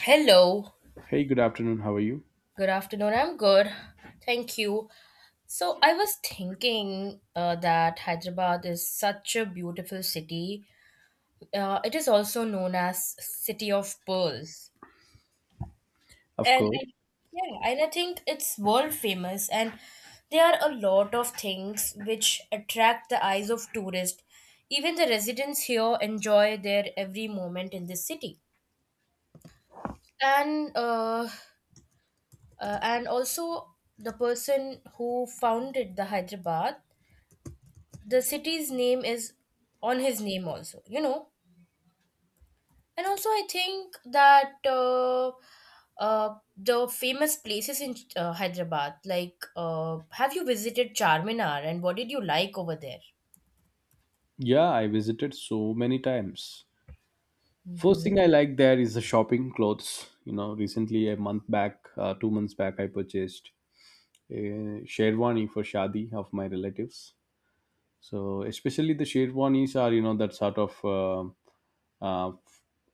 Hello. Hey, good afternoon. How are you? Good afternoon. I'm good. Thank you. So I was thinking that Hyderabad is such a beautiful city. It is also known as City of Pearls. Of And course. I, yeah, and I think it's world famous and there are a lot of things which attract the eyes of tourists. Even the residents here enjoy their every moment in this city. And uh, and also, the person who founded the Hyderabad, the city's name is on his name also. And also, I think that the famous places in Hyderabad, like, have you visited Charminar and what did you like over there? Yeah, I visited so many times. First Mhm. thing I like there is the shopping clothes. You know, recently a month back, 2 months back, I purchased a sherwani for shadi of my relatives. So especially the sherwanis are you know that sort of uh,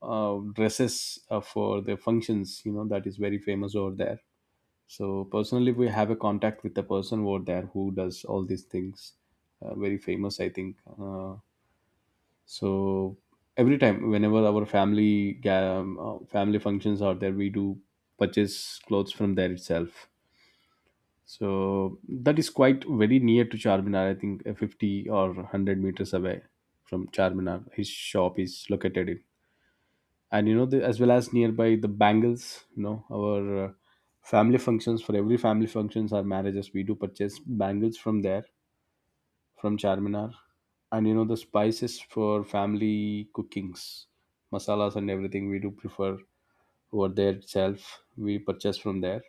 dresses for the functions. You know that is very famous over there. So personally, we have a contact with the person over there who does all these things. Very famous, I think. So every time whenever our family functions are there, we do purchase clothes from there itself, so that is quite very near to Charminar, I think, 50 or 100 meters away from Charminar his shop is located in. And you know the, as well as nearby the bangles, you know, our family functions, for every family functions or marriages, we do purchase bangles from there, from Charminar. And you know the spices for family cookings, masalas and everything, we do prefer over there itself. We purchase from there.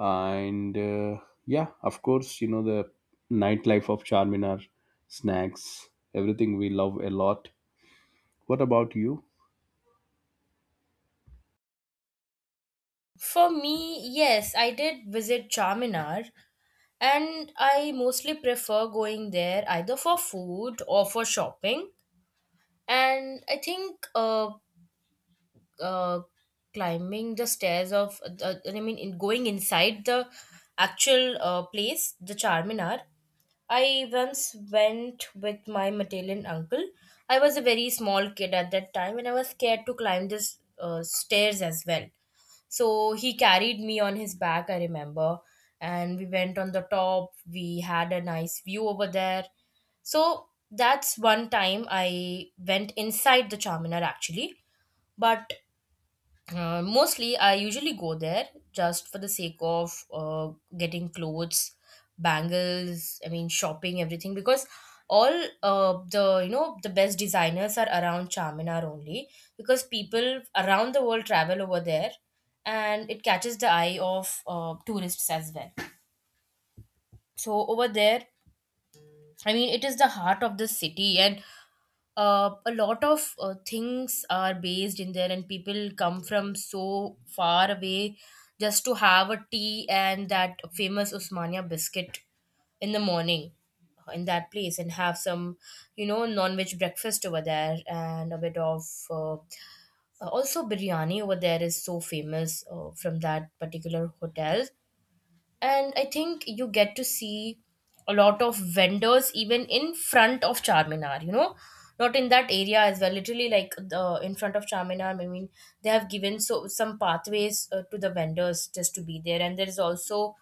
And yeah, of course, you know the nightlife of Charminar, snacks, everything we love a lot. What about you? For me, yes, I did visit Charminar. And I mostly prefer going there either for food or for shopping. And I think uh, climbing the stairs of the, I mean in going inside the actual place, the Charminar. I once went with my Matillion uncle. I was a very small kid at that time and I was scared to climb this stairs as well. So he carried me on his back, I remember, and we went on the top. We had a nice view over there. So that's one time I went inside the Charminar actually. But mostly, I usually go there just for the sake of getting clothes, bangles, I mean, shopping, everything, because all the, you know, the best designers are around Charminar only, because people around the world travel over there and it catches the eye of tourists as well. So, over there, I mean, it is the heart of the city, and a lot of things are based in there and people come from so far away just to have a tea and that famous usmania biscuit in the morning in that place and have some non-veg breakfast over there and a bit of uh, also biryani over there is so famous from that particular hotel. And I think you get to see a lot of vendors even in front of Charminar, not in that area as well, literally, like the in front of Charminar, I mean, they have given so some pathways to the vendors just to be there. And there is also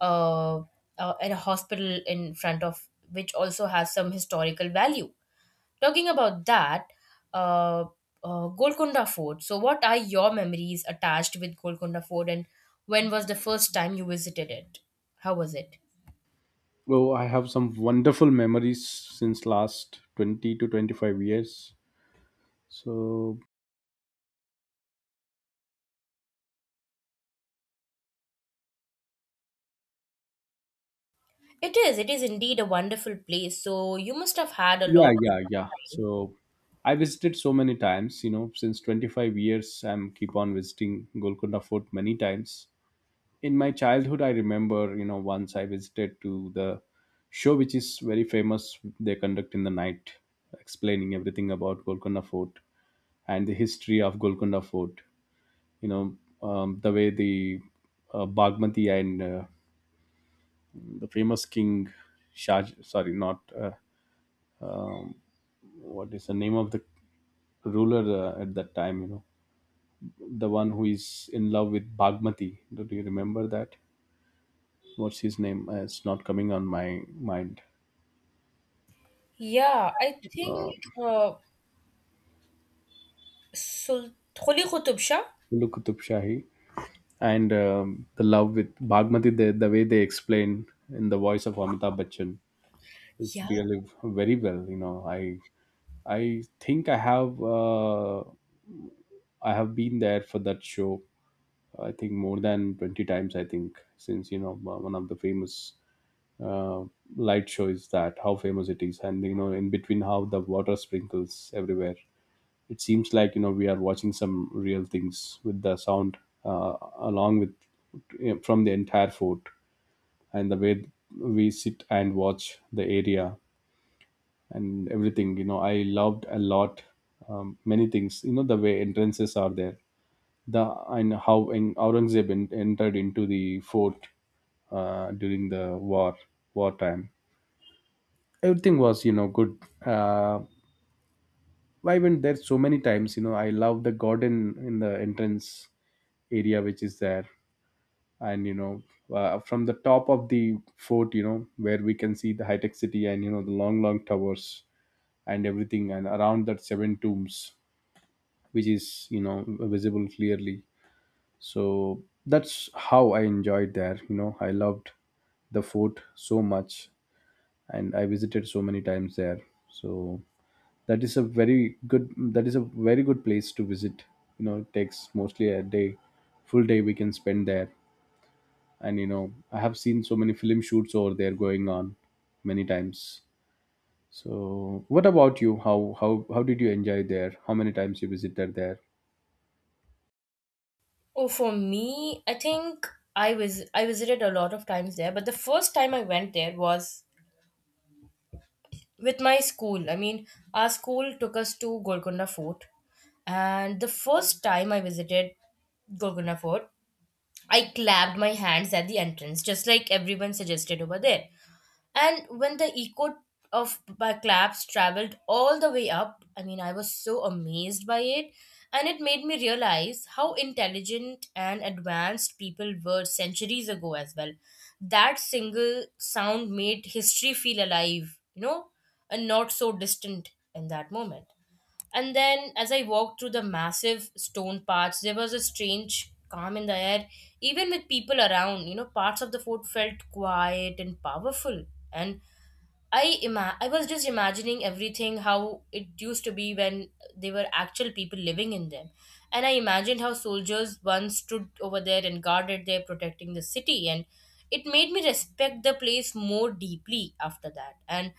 uh, a hospital in front of which also has some historical value. Talking about that, uh, Golconda Fort. So, what are your memories attached with Golconda Fort, and when was the first time you visited it? How was it? Oh, I have some wonderful memories since last 20 to 25 years. So It is. It is indeed a wonderful place. So, you must have had a lot. yeah, yeah, yeah. So I visited so many times, you know, since 25 years I'm keep on visiting Golconda Fort many times. In my childhood I remember, you know, once I visited to the show which is very famous they conduct in the night, explaining everything about Golconda Fort and the history of Golconda Fort, you know. The way the Bagmati and the famous king Shah, sorry, not, what is the name of the ruler at that time, you know, the one who is in love with Bhagmati. Do you remember that? What's his name? It's not coming on my mind. Yeah, I think uh, Holi Qutub Shah. Ulu Kutub Shahi. And the love with Bhagmati, the way they explain in the voice of Amitabh Bachchan, is Yeah. really very well. You know, I think I have been there for that show. I think more than 20 times. I think since you know one of the famous uh, light shows that how famous it is, and you know in between how the water sprinkles everywhere, it seems like you know we are watching some real things with the sound along with you know, from the entire fort, and the way we sit and watch the area and everything, you know, I loved a lot. Many things, you know, the way entrances are there, the and how entered into the fort during the war, wartime, everything was, you know, good. uh, I went there so many times, you know, I love the garden in the entrance area which is there. And you know, from the top of the fort, you know, where we can see the high-tech city, and you know the long long towers and everything, and around that seven tombs which is, you know, visible clearly. So that's how I enjoyed there, you know. I loved the fort so much, and I visited so many times there. So that is a very good place to visit. You know, it takes mostly a day, full day we can spend there, and you know, I have seen so many film shoots over there going on many times. So what about you? How did you enjoy there? How many times you visited there? Oh, for me, I think I visited a lot of times there, but the first time I went there was with my school. I mean, our school took us to Golconda Fort, and the first time I visited Golconda Fort, I clapped my hands at the entrance, just like everyone suggested over there. And when the echo of my claps traveled all the way up, I mean, I was so amazed by it. And it made me realize how intelligent and advanced people were centuries ago as well. That single sound made history feel alive, and not so distant in that moment. And then, as I walked through the massive stone paths, there was a strange calm in the air, even with people around. You know, parts of the fort felt quiet and powerful. And I was just imagining everything how it used to be when there were actual people living in them. And I imagined how soldiers once stood over there and guarded there, protecting the city. And it made me respect the place more deeply after that. And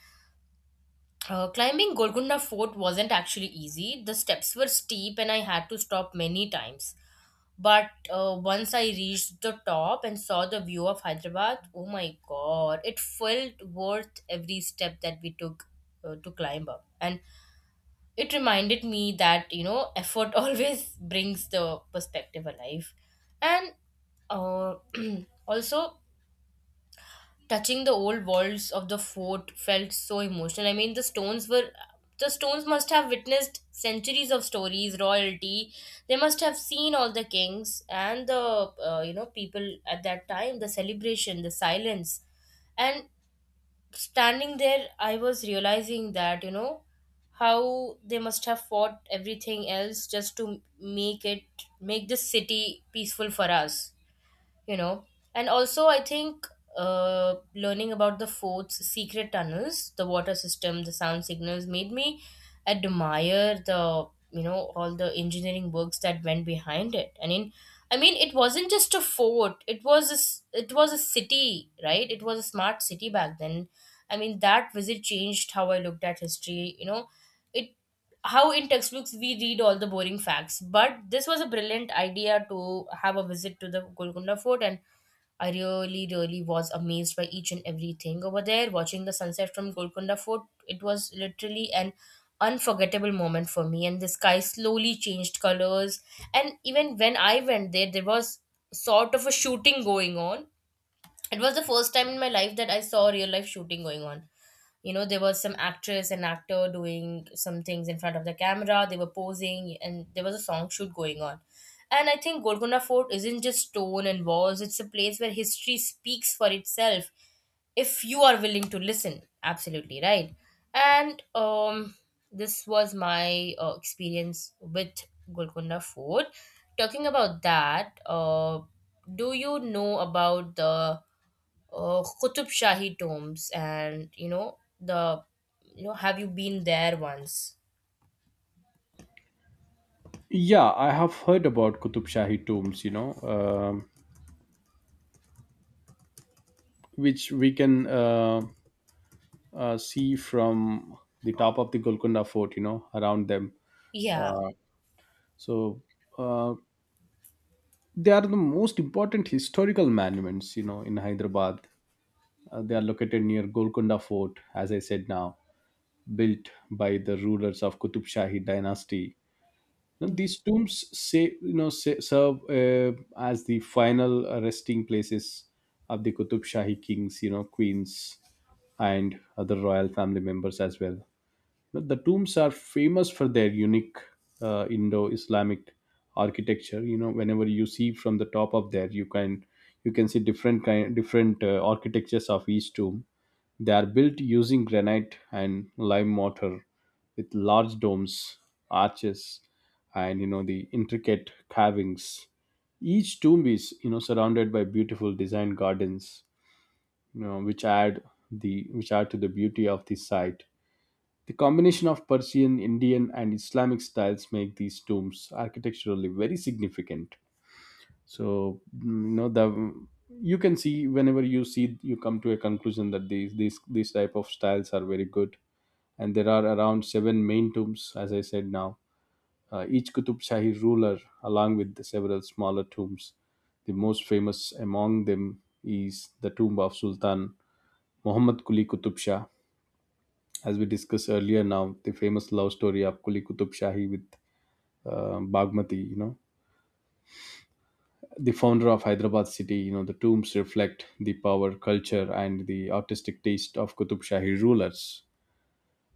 climbing Golconda Fort wasn't actually easy. The steps were steep and I had to stop many times. But once I reached the top and saw the view of Hyderabad, oh my god, it felt worth every step that we took to climb up. And it reminded me that, effort always brings the perspective alive. And uh, also, touching the old walls of the fort felt so emotional. I mean, the stones must have witnessed centuries of stories, royalty. They must have seen all the kings and the people at that time, the celebration, the silence, and standing there, I was realizing that how they must have fought everything else just to make this city peaceful for us you know and also I think learning about the fort's secret tunnels, the water system, the sound signals made me admire the you know all the engineering works that went behind it, I mean, it wasn't just a fort, it was it was a city, right? It was a smart city back then. I mean, that visit changed how I looked at history you know it How in textbooks we read all the boring facts, but this was a brilliant idea to have a visit to the Golconda Fort. And I really, really was amazed by each and everything over there. Watching the sunset from Golconda Fort, it was literally an unforgettable moment for me. And the sky slowly changed colors. And even when I went there, there was sort of a shooting going on. It was the first time in my life that I saw real life shooting going on. There was some actress and actor doing some things in front of the camera. They were posing and there was a song shoot going on. And I think Golconda Fort isn't just stone and walls, it's a place where history speaks for itself if you are willing to listen. Absolutely right. And this was my experience with Golconda Fort. Talking about that, do you know about the Qutub Shahi tombs? And you know the you know have you been there once? Yeah, I have heard about Kutub Shahi tombs, you know. um which we can see from the top of the Golconda Fort, you know, around them. Yeah. uh, so uh, they are the most important historical monuments, you know, in Hyderabad. They are located near Golconda Fort, as I said now, built by the rulers of Qutub Shahi dynasty. Now, Mhm. these tombs say you know say, serve as the final resting places of the Qutub Shahi kings, you know, queens, and other royal family members as well. The tombs are famous for their unique Indo-Islamic architecture. You know, whenever you see from the top of there, you can see different kind, different architectures of each tomb. They are built using granite and lime mortar with large domes, arches, and you know the intricate carvings. Each tomb is, you know, surrounded by beautiful design gardens, you know, which add to the beauty of the site. The combination of Persian, Indian, and Islamic styles make these tombs architecturally very significant. So you know the, you can see whenever you see you come to a conclusion that these type of styles are very good. And there are around seven main tombs, as I said now. Each Qutub Shahi ruler, along with the several smaller tombs, the most famous among them is the tomb of Sultan Muhammad Quli Qutub Shah, as we discussed earlier, now the famous love story of Kuli Kutub Shahi with Bagmati, you know, the founder of Hyderabad city. You know, the tombs reflect the power, culture, and the artistic taste of Kutub Shahi rulers.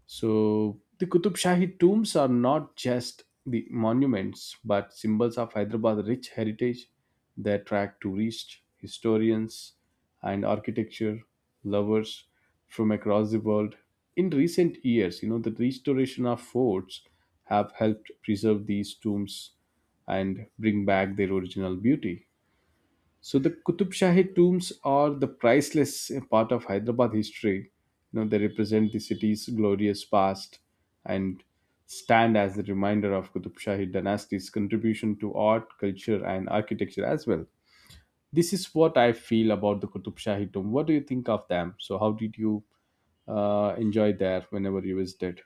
So the Qutub Shahi tombs are not just the monuments but symbols of Hyderabad's rich heritage. They attract tourists, historians, and architecture lovers from across the world. In recent years, you know, the restoration of forts have helped preserve these tombs and bring back their original beauty. So the Qutub Shahi tombs are the priceless part of Hyderabad history. You know, they represent the city's glorious past and stand as a reminder of Qutub Shahi dynasty's contribution to art, culture, and architecture as well. This is what I feel about the Qutub Shahi tomb. What do you think of them? So how did you enjoy there whenever you visited?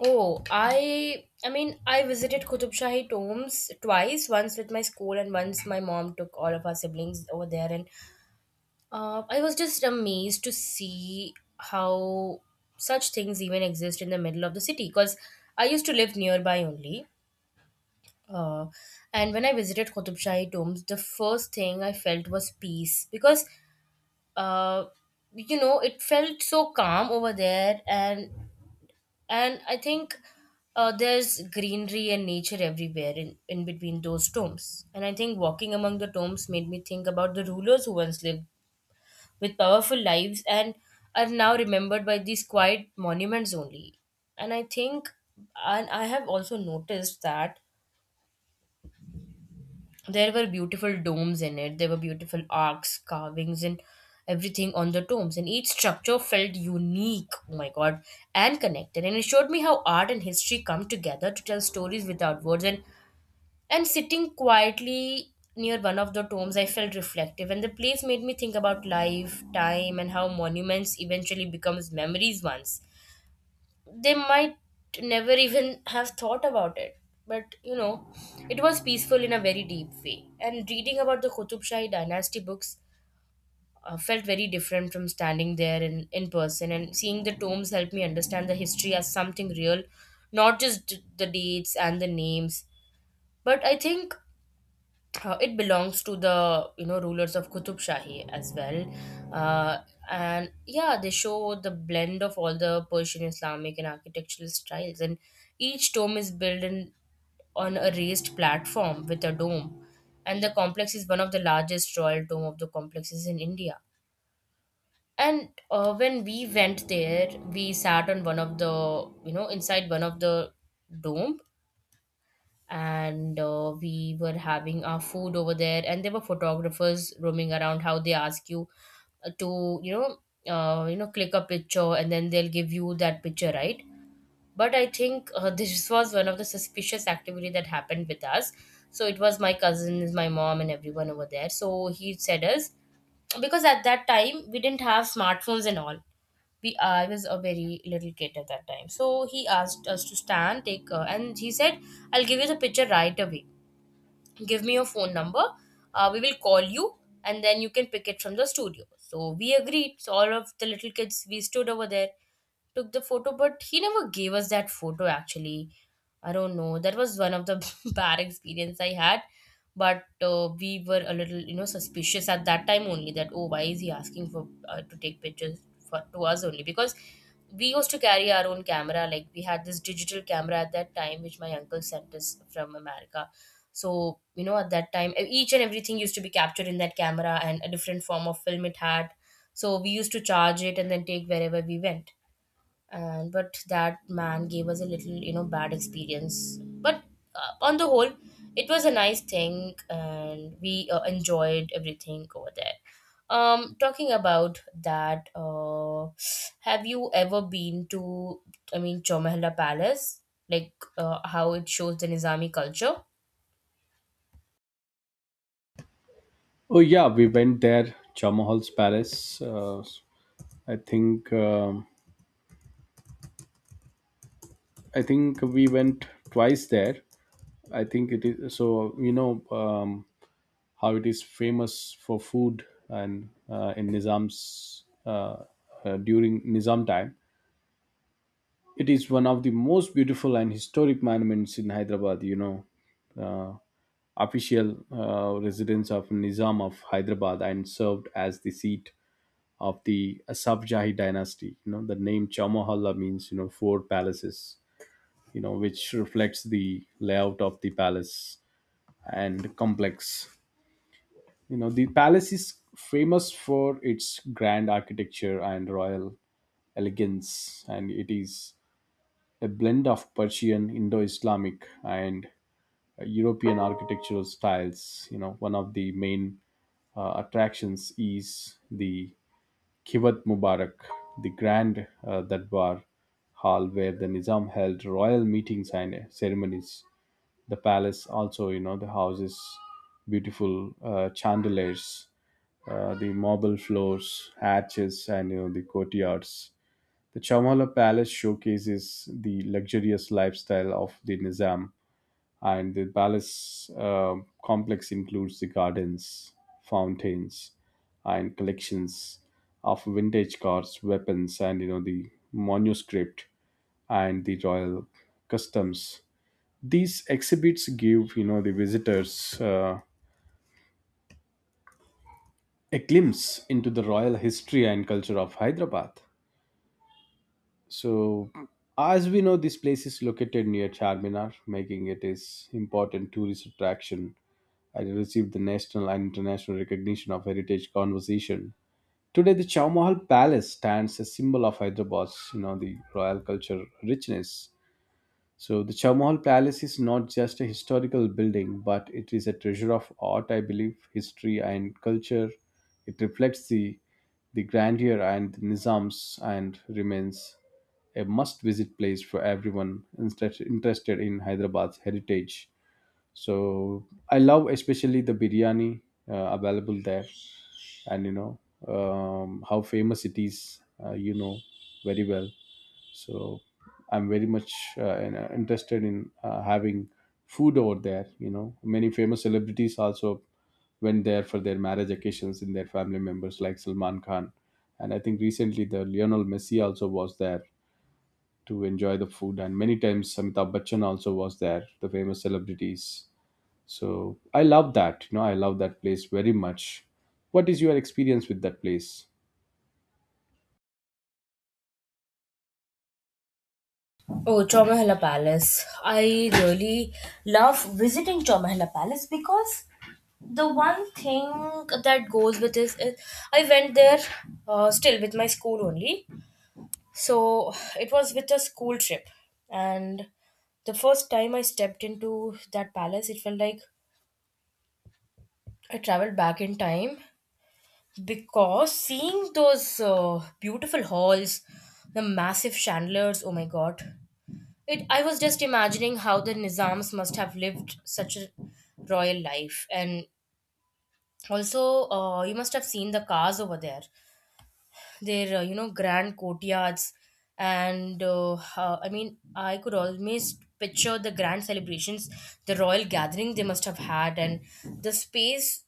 Oh, I mean I visited Qutub Shahi tombs twice, once with my school and once my mom took all of our siblings over there. And I was just amazed to see how such things even exist in the middle of the city because I used to live nearby only. Uh, and when I visited Qutub Shahi tombs, the first thing I felt was peace because uh, it felt so calm over there. And I think there's greenery and nature everywhere in between those tombs. And I think walking among the tombs made me think about the rulers who once lived with powerful lives and are now remembered by these quiet monuments only. And I think and I have also noticed that there were beautiful domes in it, there were beautiful arcs, carvings, and everything on the tombs. And each structure felt unique, oh my god, and connected. And it showed me how art and history come together to tell stories without words. And sitting quietly near one of the tombs, I felt reflective. And the place made me think about life, time, and how monuments eventually becomes memories once they might never even have thought about it. But you know, it was peaceful in a very deep way. And reading about the Qutub Shahi dynasty books felt very different from standing there in person. And seeing the tombs helped me understand the history as something real, not just the dates and the names. But I think it belongs to the rulers of Qutub Shahi as well, uh, and yeah, they show the blend of all the Persian Islamic and architectural styles, and each tomb is built on a raised platform with a dome, and the complex is one of the largest royal tomb of the complexes in India. And when we went there, we sat on one of the you know inside one of the dome and we were having our food over there and there were photographers roaming around how they ask you to click a picture, and then they'll give you that picture, right? But I think this was one of the suspicious activity that happened with us. So it was my cousins, my mom and everyone over there. So he said us because at that time we didn't have smartphones and all. We I was a very little kid at that time. So he asked us to stand, take, and he said, "I'll give you the picture right away. Give me your phone number. We will call you, and then you can pick it from the studio." So we agreed. So all of the little kids we stood over there, took the photo, but he never gave us that photo actually. I don't know. That was one of the bad experience I had. But we were a little, you know, suspicious at that time only that oh, why is he asking for to take pictures for to us only? Because we used to carry our own camera. Like we had this digital camera at that time, which my uncle sent us from America. So you know, at that time, each and everything used to be captured in that camera, and a different form of film it had. So we used to charge it and then take wherever we went and but that man gave us a little, you know, bad experience. But on the whole, it was a nice thing, and we enjoyed everything over there. Talking about that, have you ever been to, I mean, Chowmahalla Palace, like how it shows the Nizami culture? Oh yeah, we went there, Chamahal's Palace. I think um I think we went twice there. I think it is so. You know, how it is famous for food, and in Nizam's during Nizam time, it is one of the most beautiful and historic monuments in Hyderabad. You know, uh, official residence of Nizam of Hyderabad, and served as the seat of the Asafjahi dynasty. You know, the name Chamahalla means, you know, four palaces, you know, which reflects the layout of the palace and complex. You know, the palace is famous for its grand architecture and royal elegance, and it is a blend of Persian, Indo Islamic, and European architectural styles. You know, one of the main attractions is the Kivat Mubarak, the grand Darbar hall where the Nizam held royal meetings and ceremonies. The palace also, you know, the houses beautiful chandeliers, the marble floors, hatches, and you know the courtyards. The Chamala Palace showcases the luxurious lifestyle of the Nizam, and the palace complex includes the gardens, fountains, and collections of vintage cars, weapons, and you know the manuscript and the royal customs. These exhibits give, you know, the visitors a glimpse into the royal history and culture of Hyderabad. So, as we know, this place is located near Charminar, making it is important tourist attraction, and it received the national and international recognition of heritage conservation. Today, the Chowmahal Palace stands as symbol of Hyderabad's, you know, the royal culture richness. So the Chamol Palace is not just a historical building, but it is a treasure of art, I believe, history, and culture. It reflects the grandeur and the Nizams, and remains a must-visit place for everyone interested in Hyderabad's heritage. So I love especially the biryani available there, and you know, how famous it is. You know very well. So I'm very much interested in having food over there. You know, many famous celebrities also went there for their marriage occasions in their family members, like Salman Khan, and I think recently the Lionel Messi also was there to enjoy the food, and many times Amitabh Bachchan also was there, the famous celebrities. So I love that, you know, I love that place very much. What is your experience with that place? Oh, Chowmahalla Palace. I really love visiting Chowmahalla Palace because the one thing that goes with this is I went there still with my school only. So it was with a school trip. And the first time I stepped into that palace, it felt like I traveled back in time, because seeing those beautiful halls, the massive chandeliers, oh my god, it I was just imagining how the Nizams must have lived such a royal life. And also, you must have seen the cars over there, their, you know, grand courtyards. And I mean, I could always picture the grand celebrations, the royal gathering they must have had. And the space,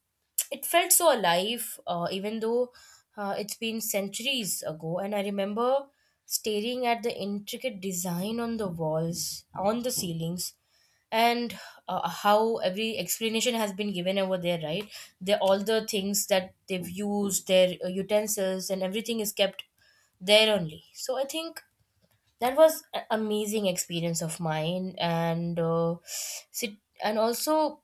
it felt so alive, even though it's been centuries ago. And I remember staring at the intricate design on the walls, on the ceilings. And how every explanation has been given over there, right? They, all the things that they've used, their utensils and everything, is kept there only. So I think that was an amazing experience of mine. And sit and also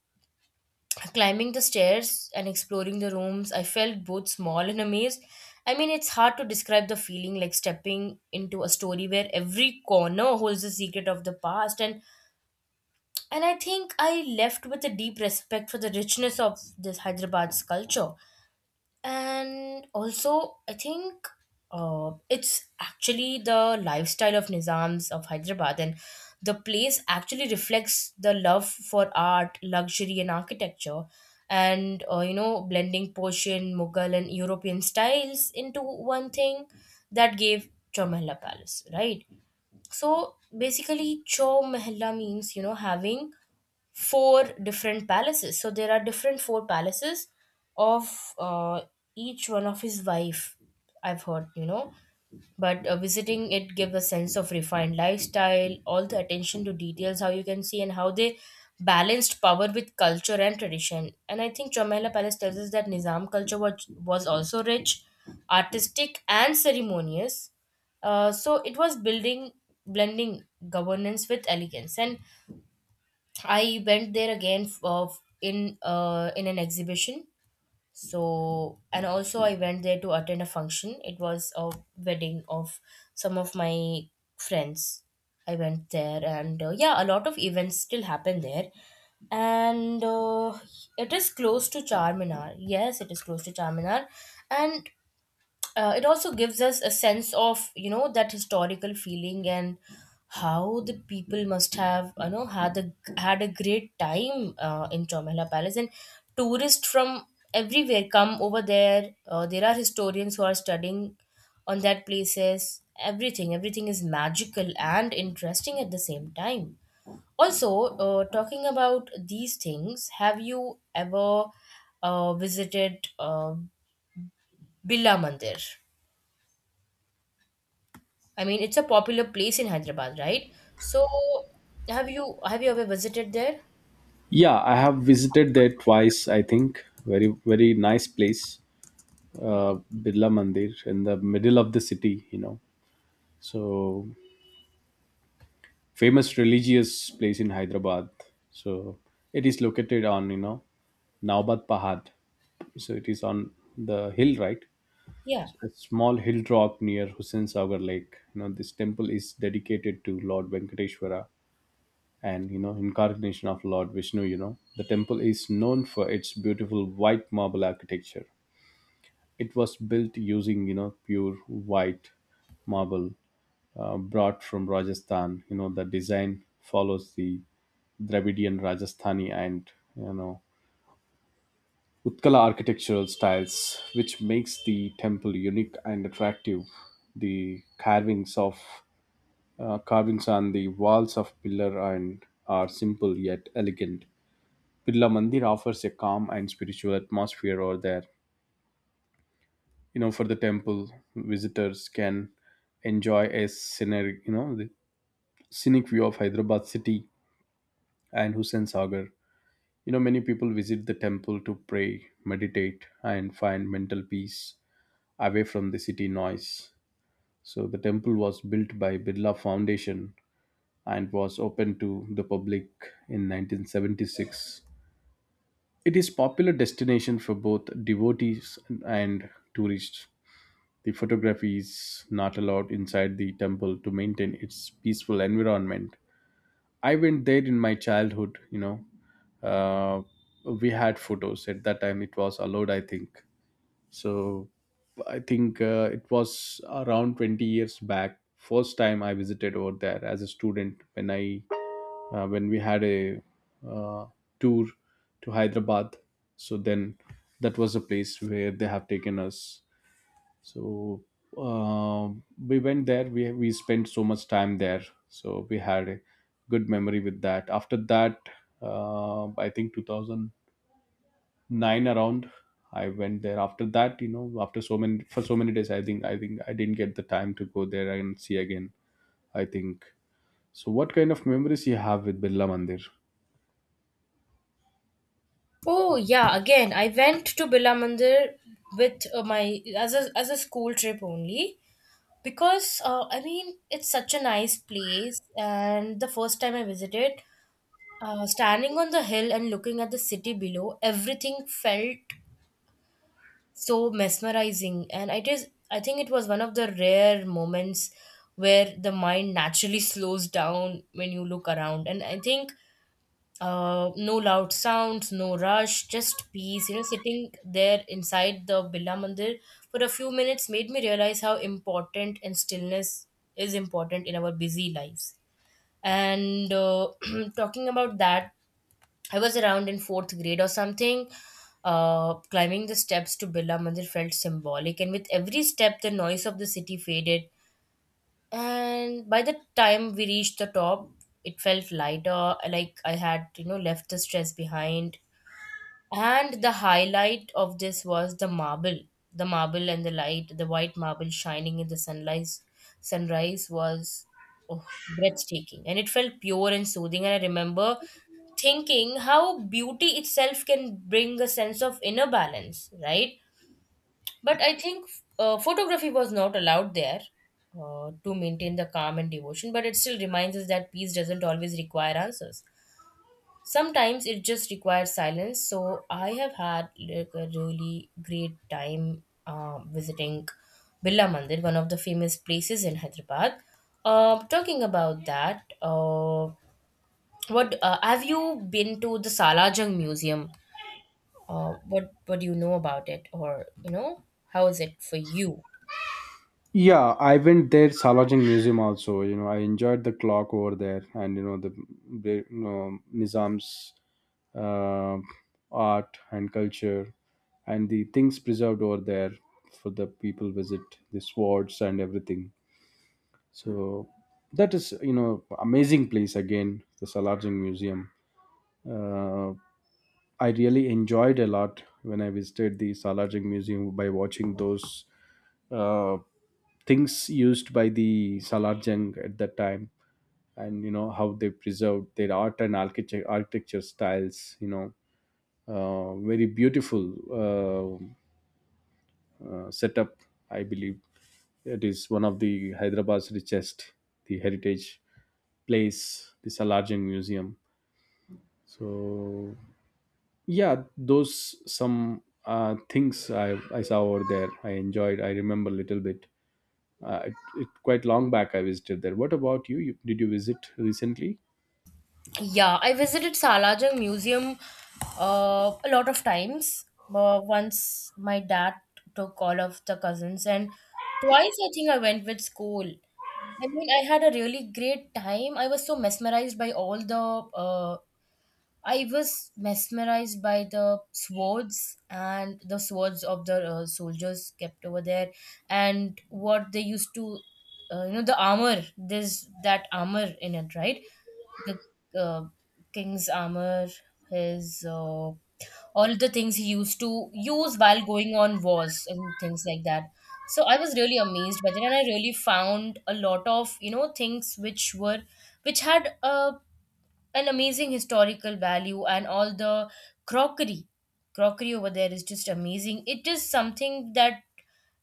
climbing the stairs and exploring the rooms, I felt both small and amazed. I mean, it's hard to describe the feeling, like stepping into a story where every corner holds the secret of the past. And I think I left with a deep respect for the richness of this Hyderabad's culture. And also, I think it's actually the lifestyle of Nizams of Hyderabad, and the place actually reflects the love for art, luxury, and architecture. And you know, blending Persian, Mughal, and European styles into one thing, that gave Chowmahla Palace, right? So basically, Chowmahla means, you know, having four different palaces. So there are different four palaces of each one of his wife, I've heard, you know. But visiting it gives a sense of refined lifestyle, all the attention to details, how you can see, and how they balanced power with culture and tradition. And I think Chomela Palace tells us that Nizam culture was also rich, artistic, and ceremonious. So it was building, blending governance with elegance. And I went there again of in an exhibition. So, and also I went there to attend a function. It was a wedding of some of my friends. I went there, and yeah, a lot of events still happen there. And it is close to Charminar. Yes, it is close to Charminar. And it also gives us a sense of, you know, that historical feeling, and how the people must have, you know, had a great time in Chomela Palace. And tourists from everywhere come over there. There are historians who are studying on that places. Everything, everything is magical and interesting at the same time. Also, talking about these things, have you ever visited, Billa Mandir? I mean, it's a popular place in Hyderabad, right? So, have you ever visited there? Yeah, I have visited there twice, I think. Very very nice place. uh, Birla Mandir in the middle of the city, you know. So famous religious place in Hyderabad. So it is located on, you know, Naobat Pahad. So it is on the hill, right? Yeah. So, a small hill drop near Hussain Sagar Lake. You know, this temple is dedicated to Lord Venkateshwara and, you know, incarnation of Lord Vishnu, you know. The temple is known for its beautiful white marble architecture. It was built using, you know, pure white marble brought from Rajasthan. You know, the design follows the Dravidian, Rajasthani, and you know Utkala architectural styles, which makes the temple unique and attractive. The carvings of carvings on the walls of pillar and are simple yet elegant. Birla Mandir offers a calm and spiritual atmosphere over there. You know, for the temple, visitors can enjoy a scenic, you know, the scenic view of Hyderabad city and Hussain Sagar. You know, many people visit the temple to pray, meditate, and find mental peace away from the city noise. So, the temple was built by Birla Foundation and was opened to the public in 1976. It is popular destination for both devotees and tourists. The photography is not allowed inside the temple to maintain its peaceful environment. I went there in my childhood, you know. uh, we had photos at that time, it was allowed I think. So I think it was around 20 years back first time I visited over there as a student, when I when we had a uh, tour to Hyderabad. So then that was a place where they have taken us. So um we went there, we spent so much time there, so we had a good memory with that. After that I think 2000 nine around I went there. After that, you know, after so many, for so many days, I think I didn't get the time to go there and see again, I think. So what kind of memories you have with Birla Mandir? Oh yeah, again, I went to Birla Mandir with my as a school trip only, because I mean, it's such a nice place. And the first time I visited, standing on the hill and looking at the city below, everything felt so mesmerizing. And it is, I think it was one of the rare moments where the mind naturally slows down when you look around. And I think no loud sounds, no rush, just peace, you know. Sitting there inside the Billa Mandir for a few minutes made me realize how important, and stillness is important in our busy lives. And talking about that, I was around in fourth grade or something. Climbing the steps to Birla Mandir felt symbolic, and with every step, the noise of the city faded. And by the time we reached the top, it felt lighter, like I had, you know, left the stress behind. And the highlight of this was the marble. The marble and the light, the white marble shining in the sunrise was, oh, breathtaking. And it felt pure and soothing. And I remember thinking how beauty itself can bring a sense of inner balance, right? But I think photography was not allowed there, to maintain the calm and devotion, but it still reminds us that peace doesn't always require answers. Sometimes it just requires silence. So I have had like a really great time visiting Birla Mandir, one of the famous places in Hyderabad. Talking about that, what have you been to the Salajung Museum? What do you know about it, or you know, how is it for you? Yeah, I went there, Salajing museum also. You know, I enjoyed the clock over there, and you know the you know, Nizam's uh, art and culture, and the things preserved over there for the people visit, the swords and everything. So that is, you know, amazing place again, the Salarjung Museum. Uh, I really enjoyed a lot when I visited the Salarjung Museum by watching those uh, things used by the Salarjung at that time, and you know how they preserved their art and architecture styles. You know, very beautiful setup. I believe it is one of the Hyderabad's richest the heritage place, this larger museum. So yeah those some things I saw over there, I enjoyed. I remember a little bit. It, it quite long back I visited there. What about you, did, you visit recently? Yeah, I visited Salajang Museum a lot of times. Once my dad took all of the cousins, and twice I think I went with school. I mean, I had a really great time. I was so mesmerized by all the uh, I was mesmerized by the swords and the swords of the soldiers kept over there, and what they used to, you know, the armor. There's that armor in it, right? The uh, king's armor, his all the things he used to use while going on wars and things like that. So I was really amazed by that, and I really found a lot of, you know, things which were, which had a an amazing historical value. And all the crockery crockery over there is just amazing. It is something that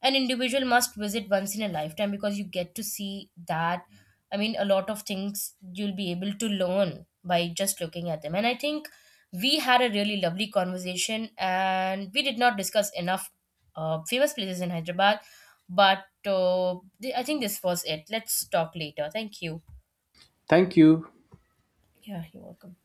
an individual must visit once in a lifetime, because you get to see that. I mean, a lot of things you'll be able to learn by just looking at them. And I think we had a really lovely conversation, and we did not discuss enough famous places in Hyderabad. But uh, I think this was it. Let's talk later. Thank you. Thank you. Yeah, you're welcome.